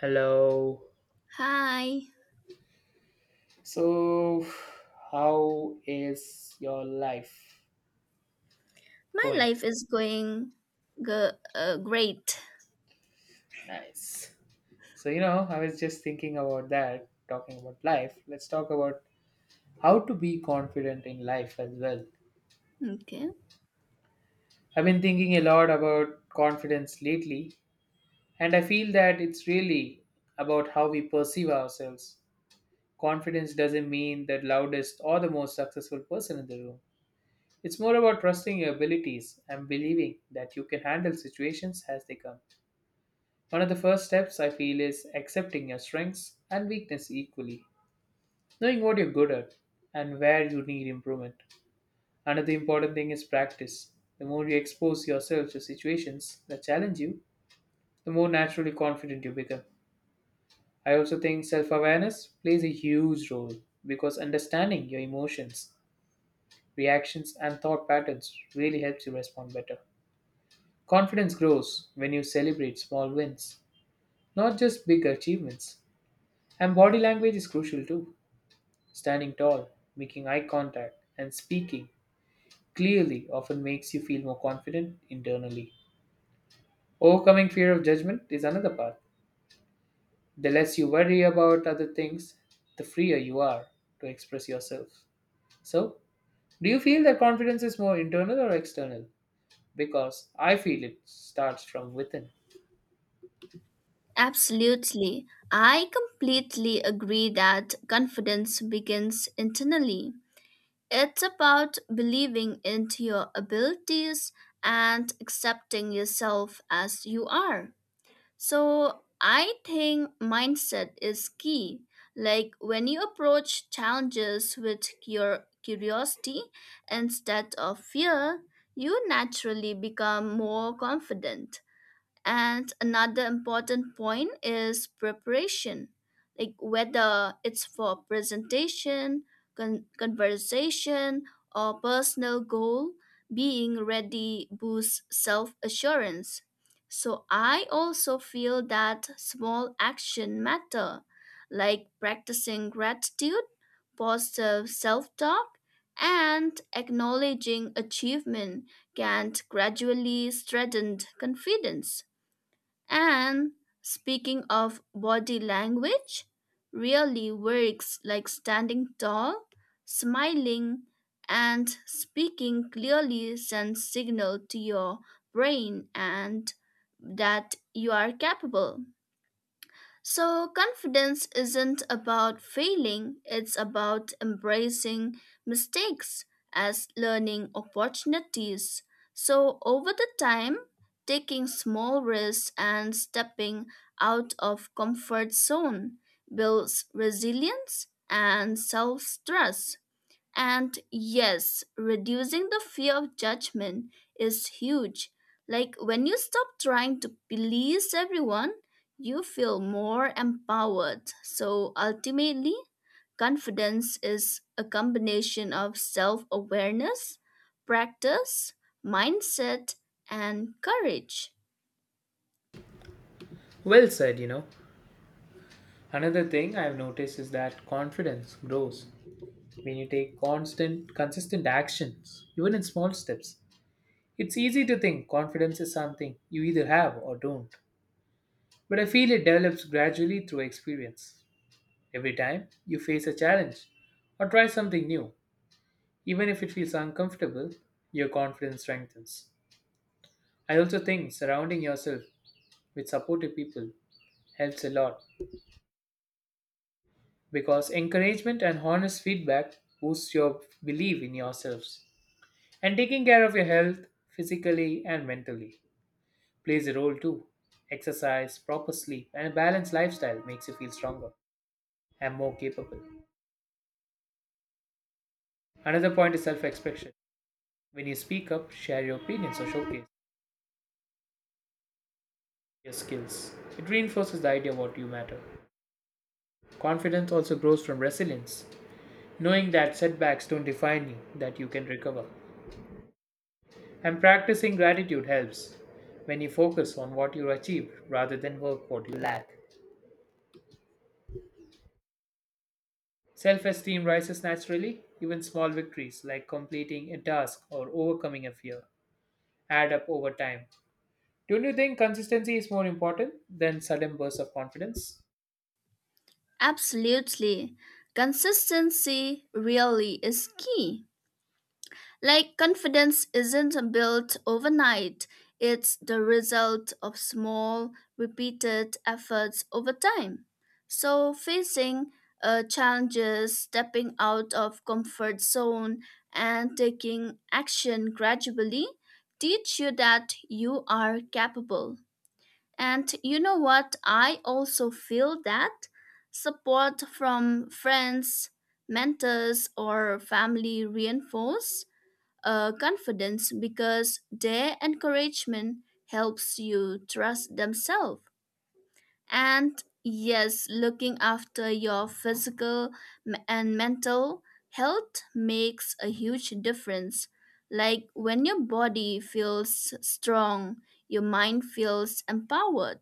Hello. Hi, So, how is your life my going? life is going great. Nice. So, you know, I was just thinking about that, talking about life. Let's talk about how to be confident in life as well. Okay. I've been thinking a lot about confidence lately, and I feel that it's really about how we perceive ourselves. Confidence doesn't mean the loudest or the most successful person in the room. It's more about trusting your abilities and believing that you can handle situations as they come. One of the first steps I feel is accepting your strengths and weakness equally, knowing what you're good at and where you need improvement. Another important thing is practice. The more you expose yourself to situations that challenge you, the more naturally confident you become. I also think self awareness plays a huge role because understanding your emotions, reactions, and thought patterns really helps you respond better. Confidence grows when you celebrate small wins, not just big achievements. And body language is crucial too. Standing tall, making eye contact, and speaking clearly often makes you feel more confident internally. Overcoming fear of judgment is another part. The less you worry about other things, the freer you are to express yourself. So, do you feel that confidence is more internal or external? Because I feel it starts from within. Absolutely. I completely agree that confidence begins internally. It's about believing into your abilities and accepting yourself as you are. So I think mindset is key. Like when you approach challenges with your curiosity instead of fear, you naturally become more confident. And another important point is preparation, like whether it's for presentation, conversation, or personal goal, being ready boosts self assurance. So I also feel that small action matter, like practicing gratitude, positive self talk, and acknowledging achievement can gradually strengthen confidence. And speaking of body language, really works like standing tall, smiling, and speaking clearly sends signal to your brain and that you are capable. So, confidence isn't about failing, it's about embracing mistakes as learning opportunities. So, over the time, taking small risks and stepping out of comfort zone builds resilience and self-trust. And yes, reducing the fear of judgment is huge. Like when you stop trying to please everyone, you feel more empowered. So ultimately, confidence is a combination of self awareness, practice, mindset, and courage. Well said. Another thing I've noticed is that confidence grows when you take constant, consistent actions, even in small steps. It's easy to think confidence is something you either have or don't, but I feel it develops gradually through experience. Every time you face a challenge or try something new, even if it feels uncomfortable, your confidence strengthens. I also think surrounding yourself with supportive people helps a lot because encouragement and honest feedback boosts your belief in yourselves. And taking care of your health physically and mentally plays a role too. Exercise, proper sleep, and a balanced lifestyle makes you feel stronger and more capable. Another point is self expression. When you speak up, share your opinions, or showcase your skills, it reinforces the idea of what you matter. Confidence also grows from resilience, knowing that setbacks don't define you, that you can recover. And practicing gratitude helps when you focus on what you achieve rather than work what you lack. Self esteem rises naturally, even small victories like completing a task or overcoming a fear add up over time. Don't you think consistency is more important than sudden bursts of confidence? Absolutely. Consistency really is key. Like confidence isn't built overnight, it's the result of small, repeated efforts over time. So, facing challenges, stepping out of comfort zone, and taking action gradually teach you that you are capable. And you know what? I also feel that support from friends, mentors, or family reinforce confidence because their encouragement helps you trust themselves. And yes, looking after your physical and mental health makes a huge difference. Like when your body feels strong, your mind feels empowered.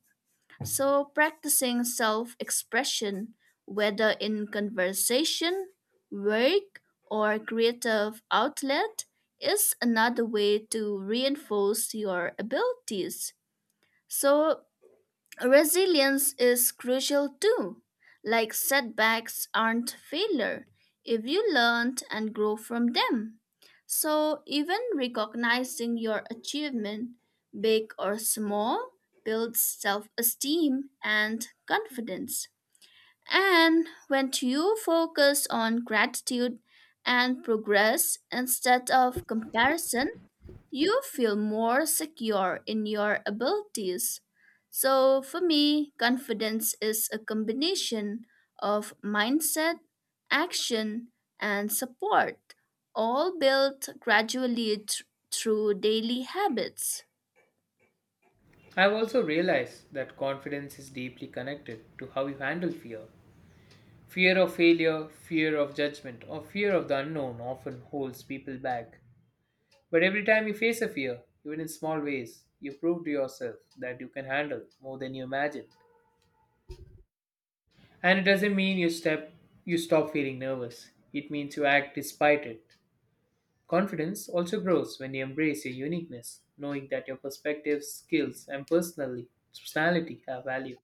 So, practicing self expression, whether in conversation, work, or creative outlet, is another way to reinforce your abilities. So, resilience is crucial too. Like setbacks aren't failure if you learn and grow from them. So, even recognizing your achievement, big or small, builds self esteem and confidence. And when you focus on gratitude and progress instead of comparison, you feel more secure in your abilities. So, for me, confidence is a combination of mindset, action, and support, all built gradually through daily habits. I've also realized that confidence is deeply connected to how you handle fear. Fear of failure, fear of judgment, or fear of the unknown often holds people back. But every time you face a fear, even in small ways, you prove to yourself that you can handle more than you imagined. And it doesn't mean you step you stop feeling nervous. It means you act despite it. Confidence also grows when you embrace your uniqueness, knowing that your perspectives, skills, and personally personality have value.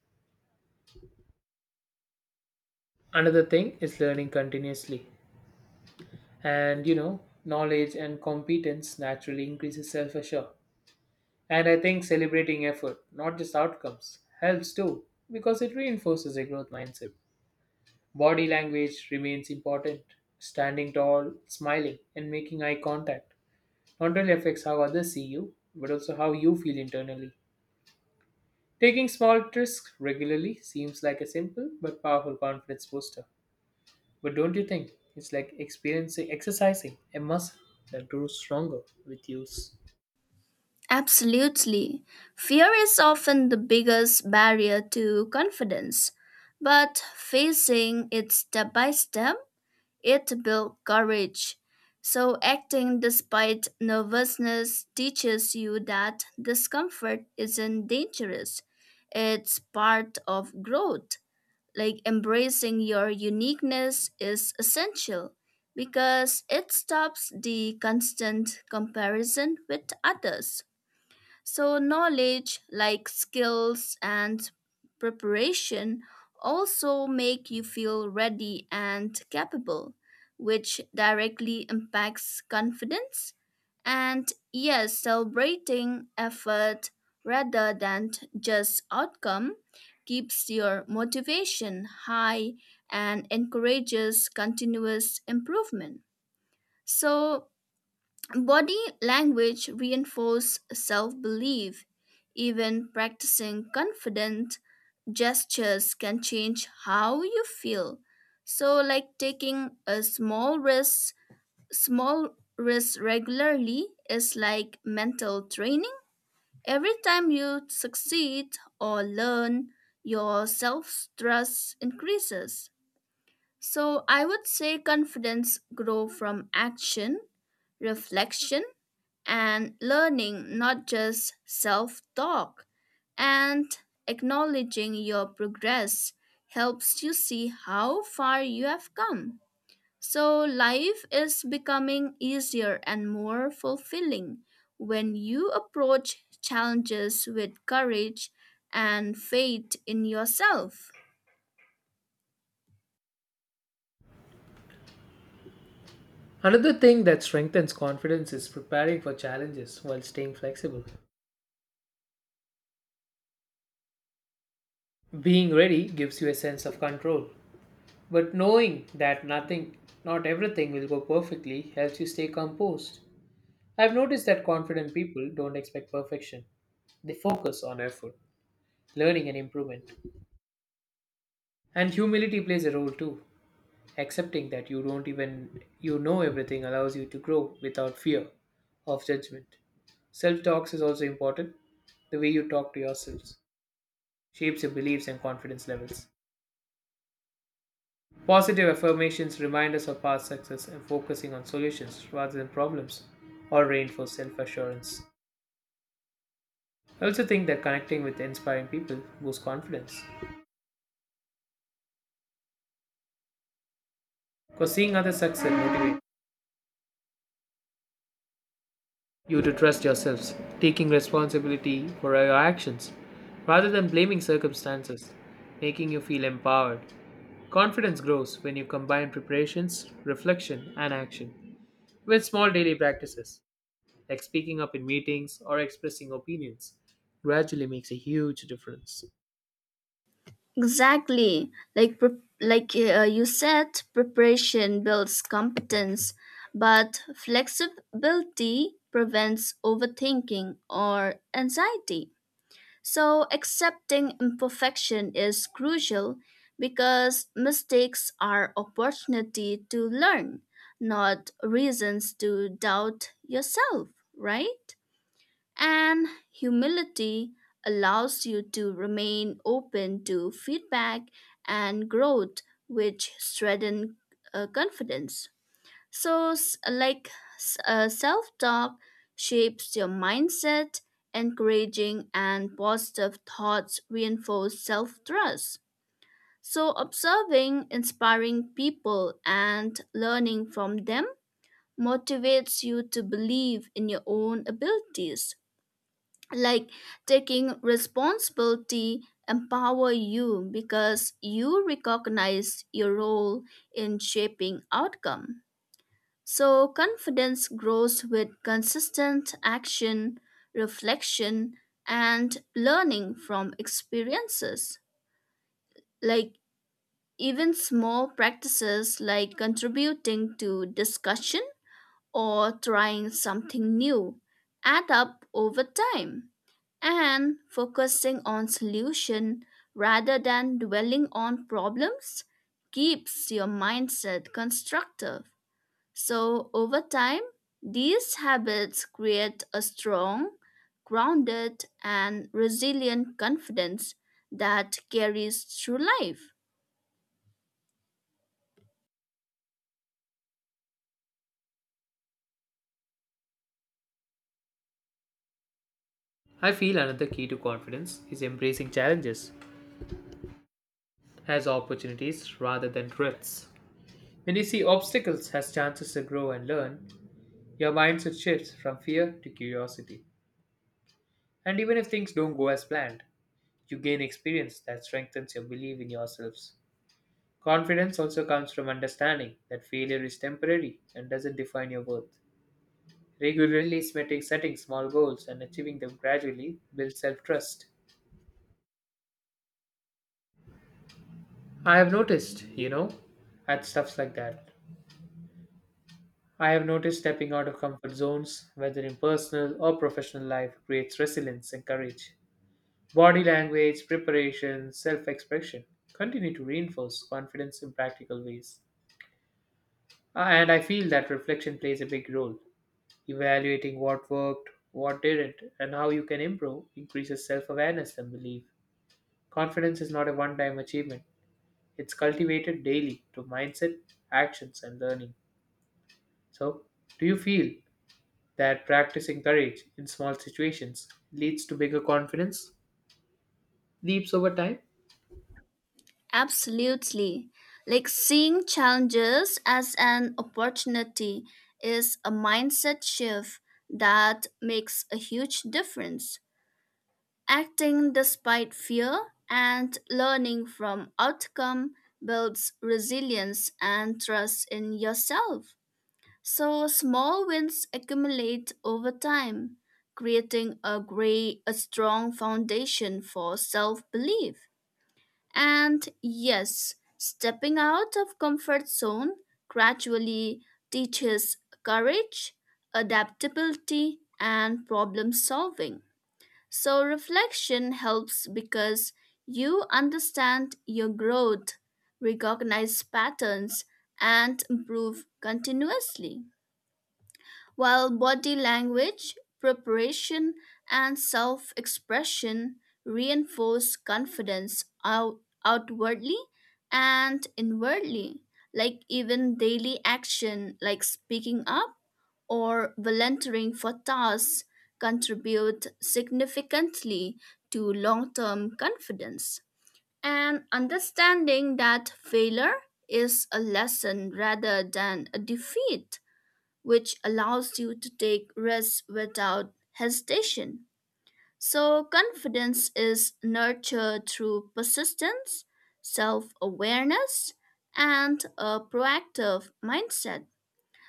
Another thing is learning continuously. And knowledge and competence naturally increases self-assure. And I think celebrating effort, not just outcomes, helps too, because it reinforces a growth mindset. Body language remains important. Standing tall, smiling, and making eye contact not only affects how others see you, but also how you feel internally. Taking small risks regularly seems like a simple but powerful confidence booster. But don't you think it's like experiencing exercising a muscle that grows stronger with use? Absolutely. Fear is often the biggest barrier to confidence, but facing it step by step it built courage. So, acting despite nervousness teaches you that discomfort isn't dangerous, it's part of growth. Like embracing your uniqueness is essential because it stops the constant comparison with others. So, knowledge like skills and preparation also make you feel ready and capable, which directly impacts confidence. And yes, celebrating effort rather than just outcome keeps your motivation high and encourages continuous improvement. So, body language reinforces self belief. Even practicing confident gestures can change how you feel. So, like taking a small risk regularly is like mental training. Every time you succeed or learn, your self trust increases. So, I would say confidence grow from action, reflection, and learning not just self talk and acknowledging your progress helps you see how far you have come. So, life is becoming easier and more fulfilling when you approach challenges with courage and faith in yourself. Another thing that strengthens confidence is preparing for challenges while staying flexible. Being ready gives you a sense of control, but knowing that nothing, not everything will go perfectly helps you stay composed. I've noticed that confident people don't expect perfection. They focus on effort, learning and improvement. And humility plays a role too. Accepting that you don't even you know everything allows you to grow without fear of judgment. Self talks is also important, the way you talk to yourselves shapes your beliefs and confidence levels. Positive affirmations remind us of past success and focusing on solutions rather than problems or reinforce self assurance. I also think that connecting with inspiring people boosts confidence because seeing others succeed motivates you to trust yourselves, taking responsibility for your actions rather than blaming circumstances, making you feel empowered. Confidence grows when you combine preparations, reflection, and action with small daily practices like speaking up in meetings or expressing opinions, gradually makes a huge difference. Exactly. Like you said, preparation builds competence, but flexibility prevents overthinking or anxiety. So accepting imperfection is crucial because mistakes are opportunity to learn, not reasons to doubt yourself, right? And humility allows you to remain open to feedback and growth, which strengthen confidence. So, self talk shapes your mindset, encouraging and positive thoughts reinforce self trust. So, observing inspiring people and learning from them motivates you to believe in your own abilities, like taking responsibility empower you because you recognize your role in shaping outcome. So confidence grows with consistent action, reflection, and learning from experiences. Like even small practices, like contributing to discussion or trying something new, add up over time, and focusing on solution rather than dwelling on problems keeps your mindset constructive. So over time these habits create a strong, grounded, and resilient confidence that carries through life. I feel another key to confidence is embracing challenges as opportunities rather than threats. When you see obstacles as chances to grow and learn, your mindset shifts from fear to curiosity. And even if things don't go as planned, you gain experience that strengthens your belief in yourselves. Confidence also comes from understanding that failure is temporary and doesn't define your worth. Regularly setting small goals and achieving them gradually builds self trust. I have noticed at stuffs like that. I have noticed stepping out of comfort zones, whether in personal or professional life, creates resilience and courage. Body language, preparation, self expression continue to reinforce confidence in practical ways. And I feel that reflection plays a big role. Evaluating what worked, what didn't, and how you can improve increases self awareness and belief. Confidence is not a one time achievement, it's cultivated daily through mindset, actions, and learning. So, do you feel that practicing courage in small situations leads to bigger confidence? Leaps over time? Absolutely. Like seeing challenges as an opportunity is a mindset shift that makes a huge difference. Acting despite fear and learning from outcome builds resilience and trust in yourself. So small wins accumulate over time, creating a strong foundation for self-belief. And yes, stepping out of comfort zone gradually teaches courage, adaptability, and problem solving. So reflection helps because you understand your growth, recognize patterns, and improve continuously, while body language, preparation, and self expression reinforce confidence outwardly and inwardly. Like even daily action, like speaking up or volunteering for tasks, contribute significantly to long term confidence. And understanding that failure is a lesson rather than a defeat, which allows you to take risks without hesitation. So, confidence is nurtured through persistence, self awareness, and a proactive mindset.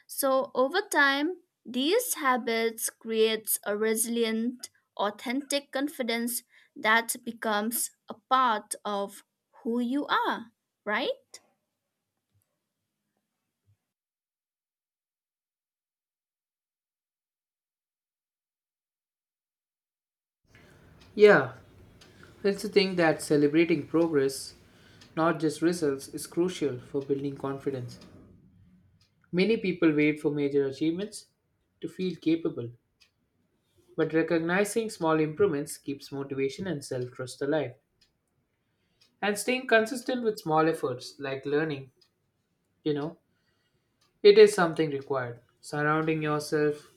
So, over time, these habits creates a resilient, authentic confidence that becomes a part of who you are, right? Yeah, it's the thing that celebrating progress, not just results, is crucial for building confidence. Many people wait for major achievements to feel capable, but recognizing small improvements keeps motivation and self trust alive. And staying consistent with small efforts like learning, you know, it is something required. Surrounding yourself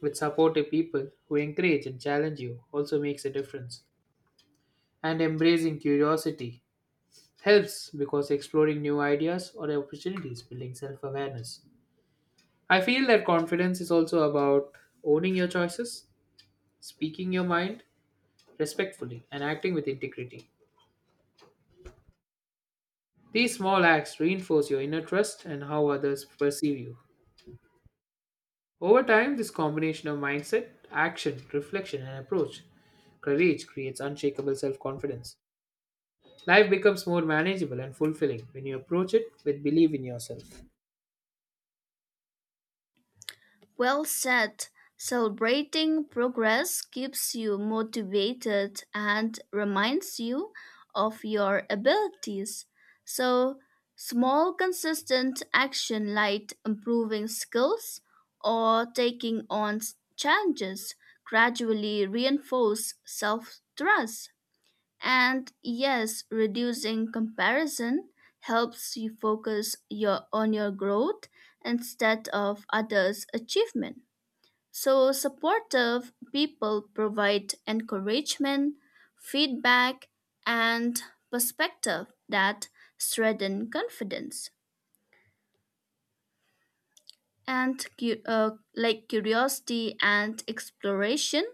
with supportive people who encourage and challenge you also makes a difference. And embracing curiosity helps because exploring new ideas or opportunities building self awareness. I feel that confidence is also about owning your choices, speaking your mind respectfully, and acting with integrity. These small acts reinforce your inner trust and how others perceive you. Over time, this combination of mindset, action, reflection, and approach courage creates unshakable self confidence. Life becomes more manageable and fulfilling when you approach it with belief in yourself. Well said. Celebrating progress keeps you motivated and reminds you of your abilities. So, small, consistent action like improving skills or taking on challenges gradually reinforce self trust. And yes, reducing comparison helps you focus on your growth instead of others' achievement. So, supportive people provide encouragement, feedback, and perspective that strengthen confidence. And like curiosity and exploration,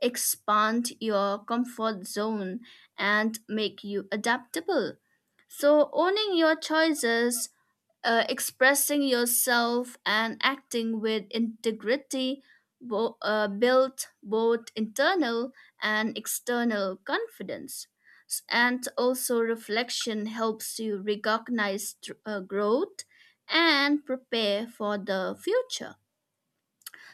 expand your comfort zone and make you adaptable. So, owning your choices, expressing yourself, and acting with integrity build both internal and external confidence. And also, reflection helps you recognize growth and prepare for the future.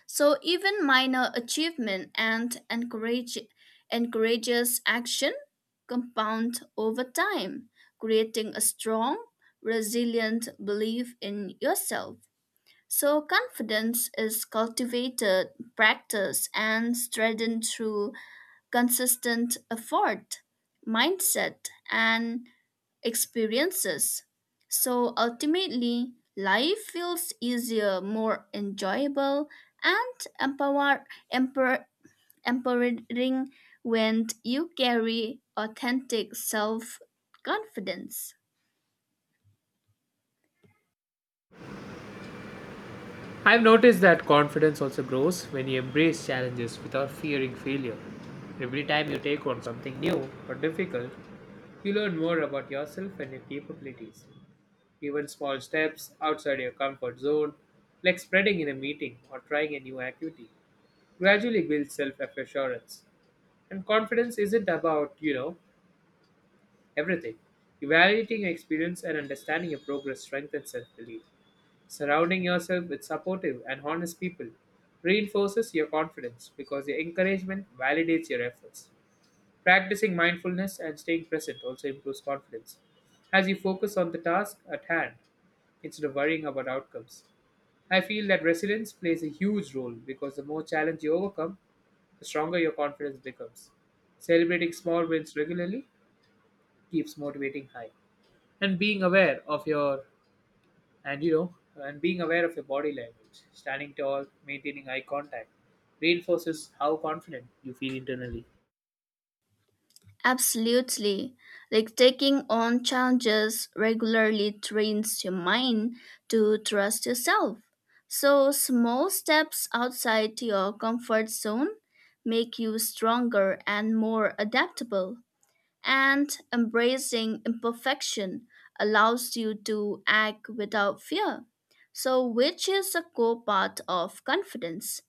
So even minor achievement and encourages action compound over time, creating a strong, resilient belief in yourself. So confidence is cultivated, practiced, and strengthened through consistent effort, mindset, and experiences. So ultimately, life feels easier, more enjoyable, and emper, empowering when you carry authentic self confidence. I've noticed that confidence also grows when you embrace challenges without fearing failure. Every time you take on something new or difficult, you learn more about yourself and your capabilities. Even small steps outside your comfort zone, like spreading in a meeting or trying a new activity, gradually builds self-assurance. And confidence isn't about, you know, everything. Evaluating your experience and understanding your progress strengthens self-belief. Surrounding yourself with supportive and honest people reinforces your confidence because your encouragement validates your efforts. Practicing mindfulness and staying present also improves confidence as you focus on the task at hand instead of worrying about outcomes. I feel that resilience plays a huge role because the more challenge you overcome, the stronger your confidence becomes. Celebrating small wins regularly keeps motivating high. And being aware of your and and being aware of your body language, standing tall, maintaining eye contact, reinforces how confident you feel internally. Absolutely. Like taking on challenges regularly trains your mind to trust yourself. So, small steps outside your comfort zone make you stronger and more adaptable. And embracing imperfection allows you to act without fear. So, which is a core part of confidence,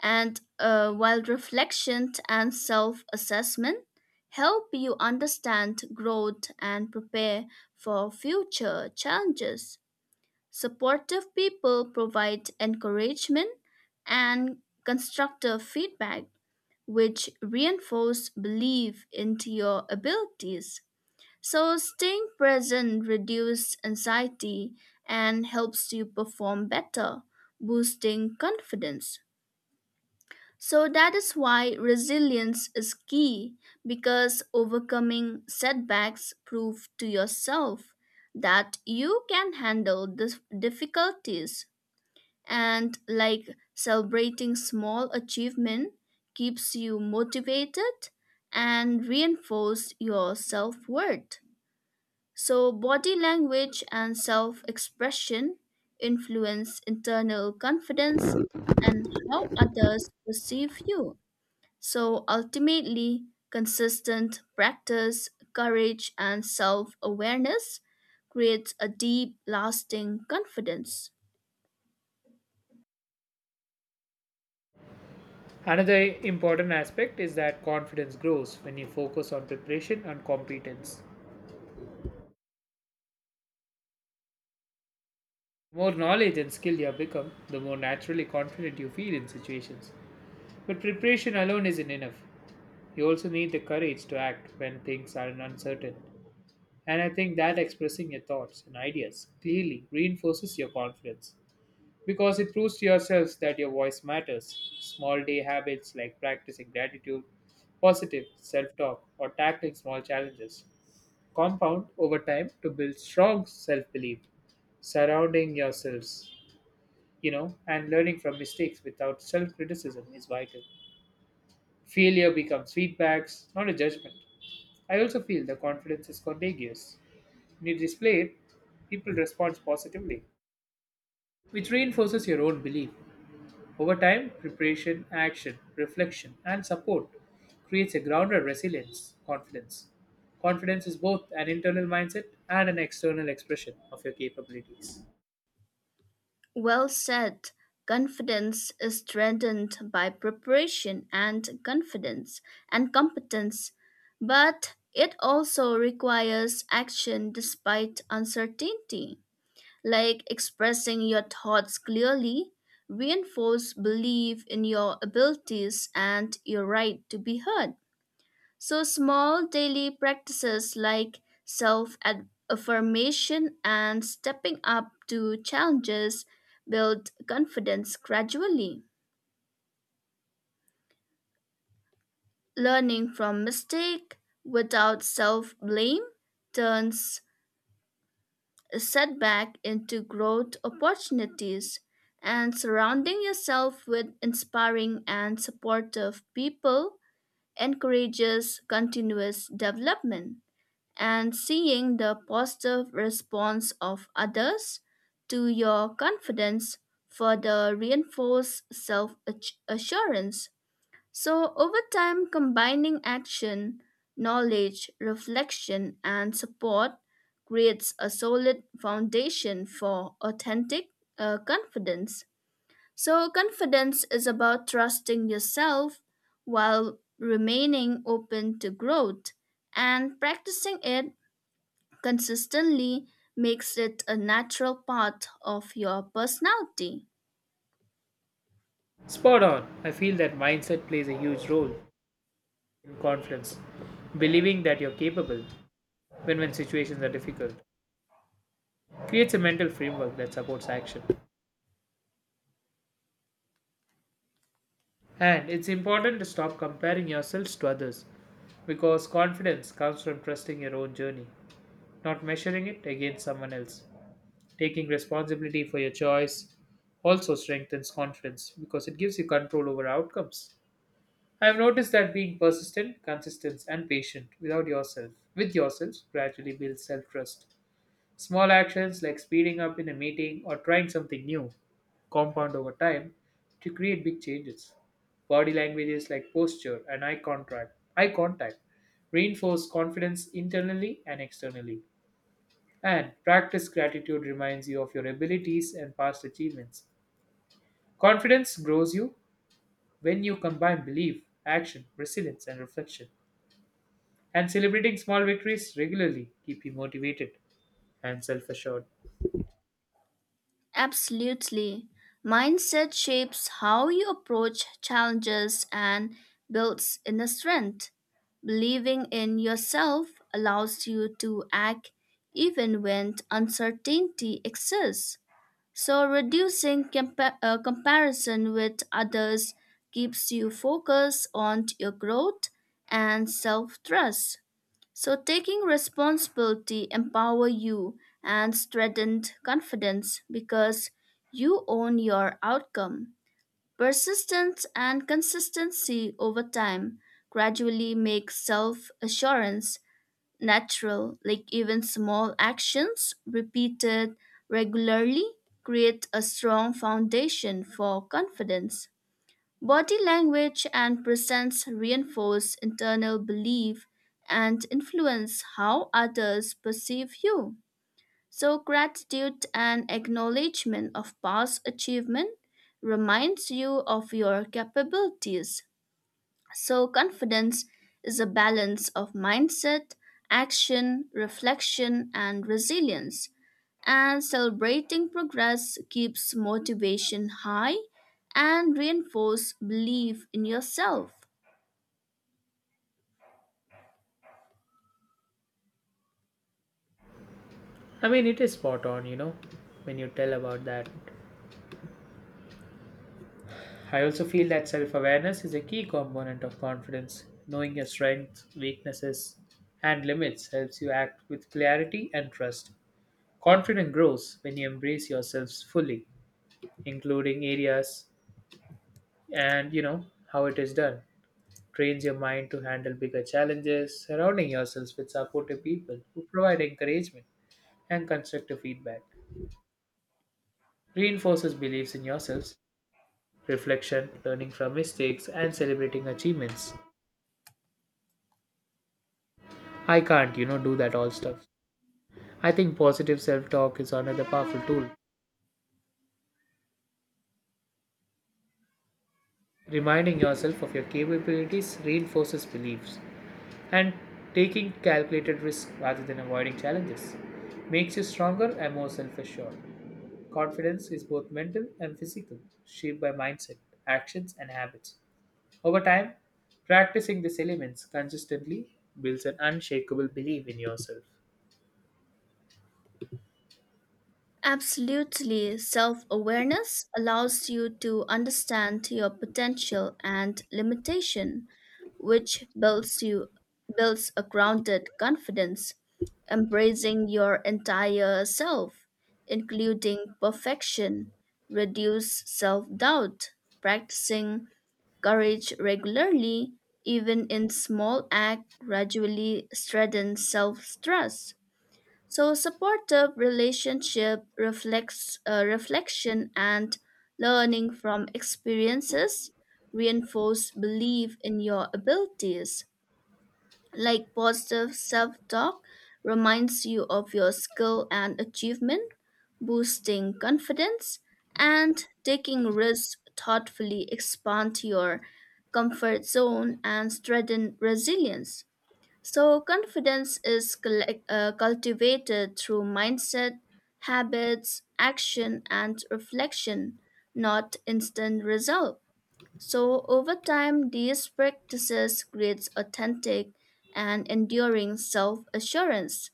and while reflection and self assessment help you understand growth and prepare for future challenges. Supportive people provide encouragement and constructive feedback, which reinforce belief into your abilities. So, staying present reduces anxiety and helps you perform better, boosting confidence. So that is why resilience is key, because overcoming setbacks prove to yourself that you can handle the difficulties, and like celebrating small achievement keeps you motivated and reinforce your self-worth. So body language and self-expression influence internal confidence and how others perceive you. So ultimately, consistent practice, courage, and self awareness creates a deep, lasting confidence. Another important aspect is that confidence grows when you focus on preparation and competence. The more knowledge and skill you have become, the more naturally confident you feel in situations. But preparation alone isn't enough. You also need the courage to act when things are uncertain. And I think that expressing your thoughts and ideas clearly reinforces your confidence because it proves to yourselves that your voice matters. Small day habits like practicing gratitude, positive self talk, or tackling small challenges compound over time to build strong self belief, surrounding yourselves, and learning from mistakes without self criticism is vital. Failure becomes feedbacks, not a judgment. I also feel the confidence is contagious. When you display it, people respond positively, which reinforces your own belief. Over time, preparation, action, reflection, and support creates a grounded resilience, confidence. Confidence is both an internal mindset and an external expression of your capabilities. Well said. Confidence is strengthened by preparation and confidence and competence, but it also requires action despite uncertainty. Like expressing your thoughts clearly reinforce belief in your abilities and your right to be heard. So small daily practices like self affirmation and stepping up to challenges build confidence gradually. Learning from mistake without self blame turns setback into growth opportunities, and surrounding yourself with inspiring and supportive people encourages continuous development. And seeing the positive response of others to your confidence further reinforces self-assurance. So, over time, combining action, knowledge, reflection, and support creates a solid foundation for authentic confidence. So, confidence is about trusting yourself while remaining open to growth, and practicing it consistently makes it a natural part of your personality. Spot on. I feel that mindset plays a huge role in confidence. Believing that you're capable when situations are difficult creates a mental framework that supports action. And it's important to stop comparing yourselves to others because confidence comes from trusting your own journey, not measuring it against someone else. Taking responsibility for your choice also strengthens confidence because it gives you control over outcomes. I have noticed that being persistent, consistent, and patient without yourself, with yourself, gradually builds self-trust. Small actions like speeding up in a meeting or trying something new compound over time to create big changes. Body languages like posture and eye contact reinforce confidence internally and externally. And practice gratitude reminds you of your abilities and past achievements. Confidence grows you when you combine belief, action, resilience, and reflection. And celebrating small victories regularly keep you motivated and self assured. Absolutely. Mindset shapes how you approach challenges and builds inner strength. Believing in yourself allows you to act even when uncertainty exists. So, reducing comparison with others keeps you focused on your growth and self trust. So taking responsibility empower you and strengthened confidence because you own your outcome. Persistence and consistency over time gradually make self-assurance natural, like even small actions repeated regularly create a strong foundation for confidence. Body language and presence reinforce internal belief and influence how others perceive you. So, gratitude and acknowledgement of past achievement reminds you of your capabilities. So, confidence is a balance of mindset, action, reflection, and resilience. And celebrating progress keeps motivation high and reinforce belief in yourself. I mean, it is spot on when you tell about that. I also feel that self awareness is a key component of confidence. Knowing your strengths, weaknesses, and limits helps you act with clarity and trust. Confidence grows when you embrace yourselves fully, including areas and how it is done. Trains your mind to handle bigger challenges, surrounding yourselves with supportive people who provide encouragement and constructive feedback. Reinforces beliefs in yourselves reflection, learning from mistakes, and celebrating achievements. I can't do that all stuff. I think positive self talk is another powerful tool. Reminding yourself of your capabilities reinforces beliefs, and taking calculated risks rather than avoiding challenges makes you stronger and more self assured. Confidence is both mental and physical, shaped by mindset, actions, and habits. Over time, practicing these elements consistently builds an unshakable belief in yourself. Absolutely. Self awareness allows you to understand your potential and limitation, which builds a grounded confidence, embracing your entire self, including perfection, reduce self-doubt, practicing courage regularly, even in small acts, gradually strengthens self-trust. So supportive relationship reflects reflection and learning from experiences reinforce belief in your abilities. Like positive self-talk reminds you of your skill and achievement, boosting confidence, and taking risks thoughtfully expand your comfort zone and strengthen resilience. So, confidence is cultivated through mindset, habits, action, and reflection, not instant result. So, over time, these practices creates authentic and enduring self-assurance.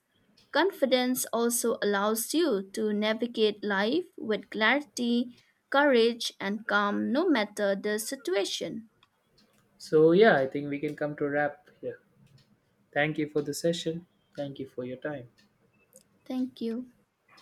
Confidence also allows you to navigate life with clarity, courage, and calm no matter the situation. So, yeah, I think we can come to a wrap here. Thank you for the session. Thank you for your time. Thank you.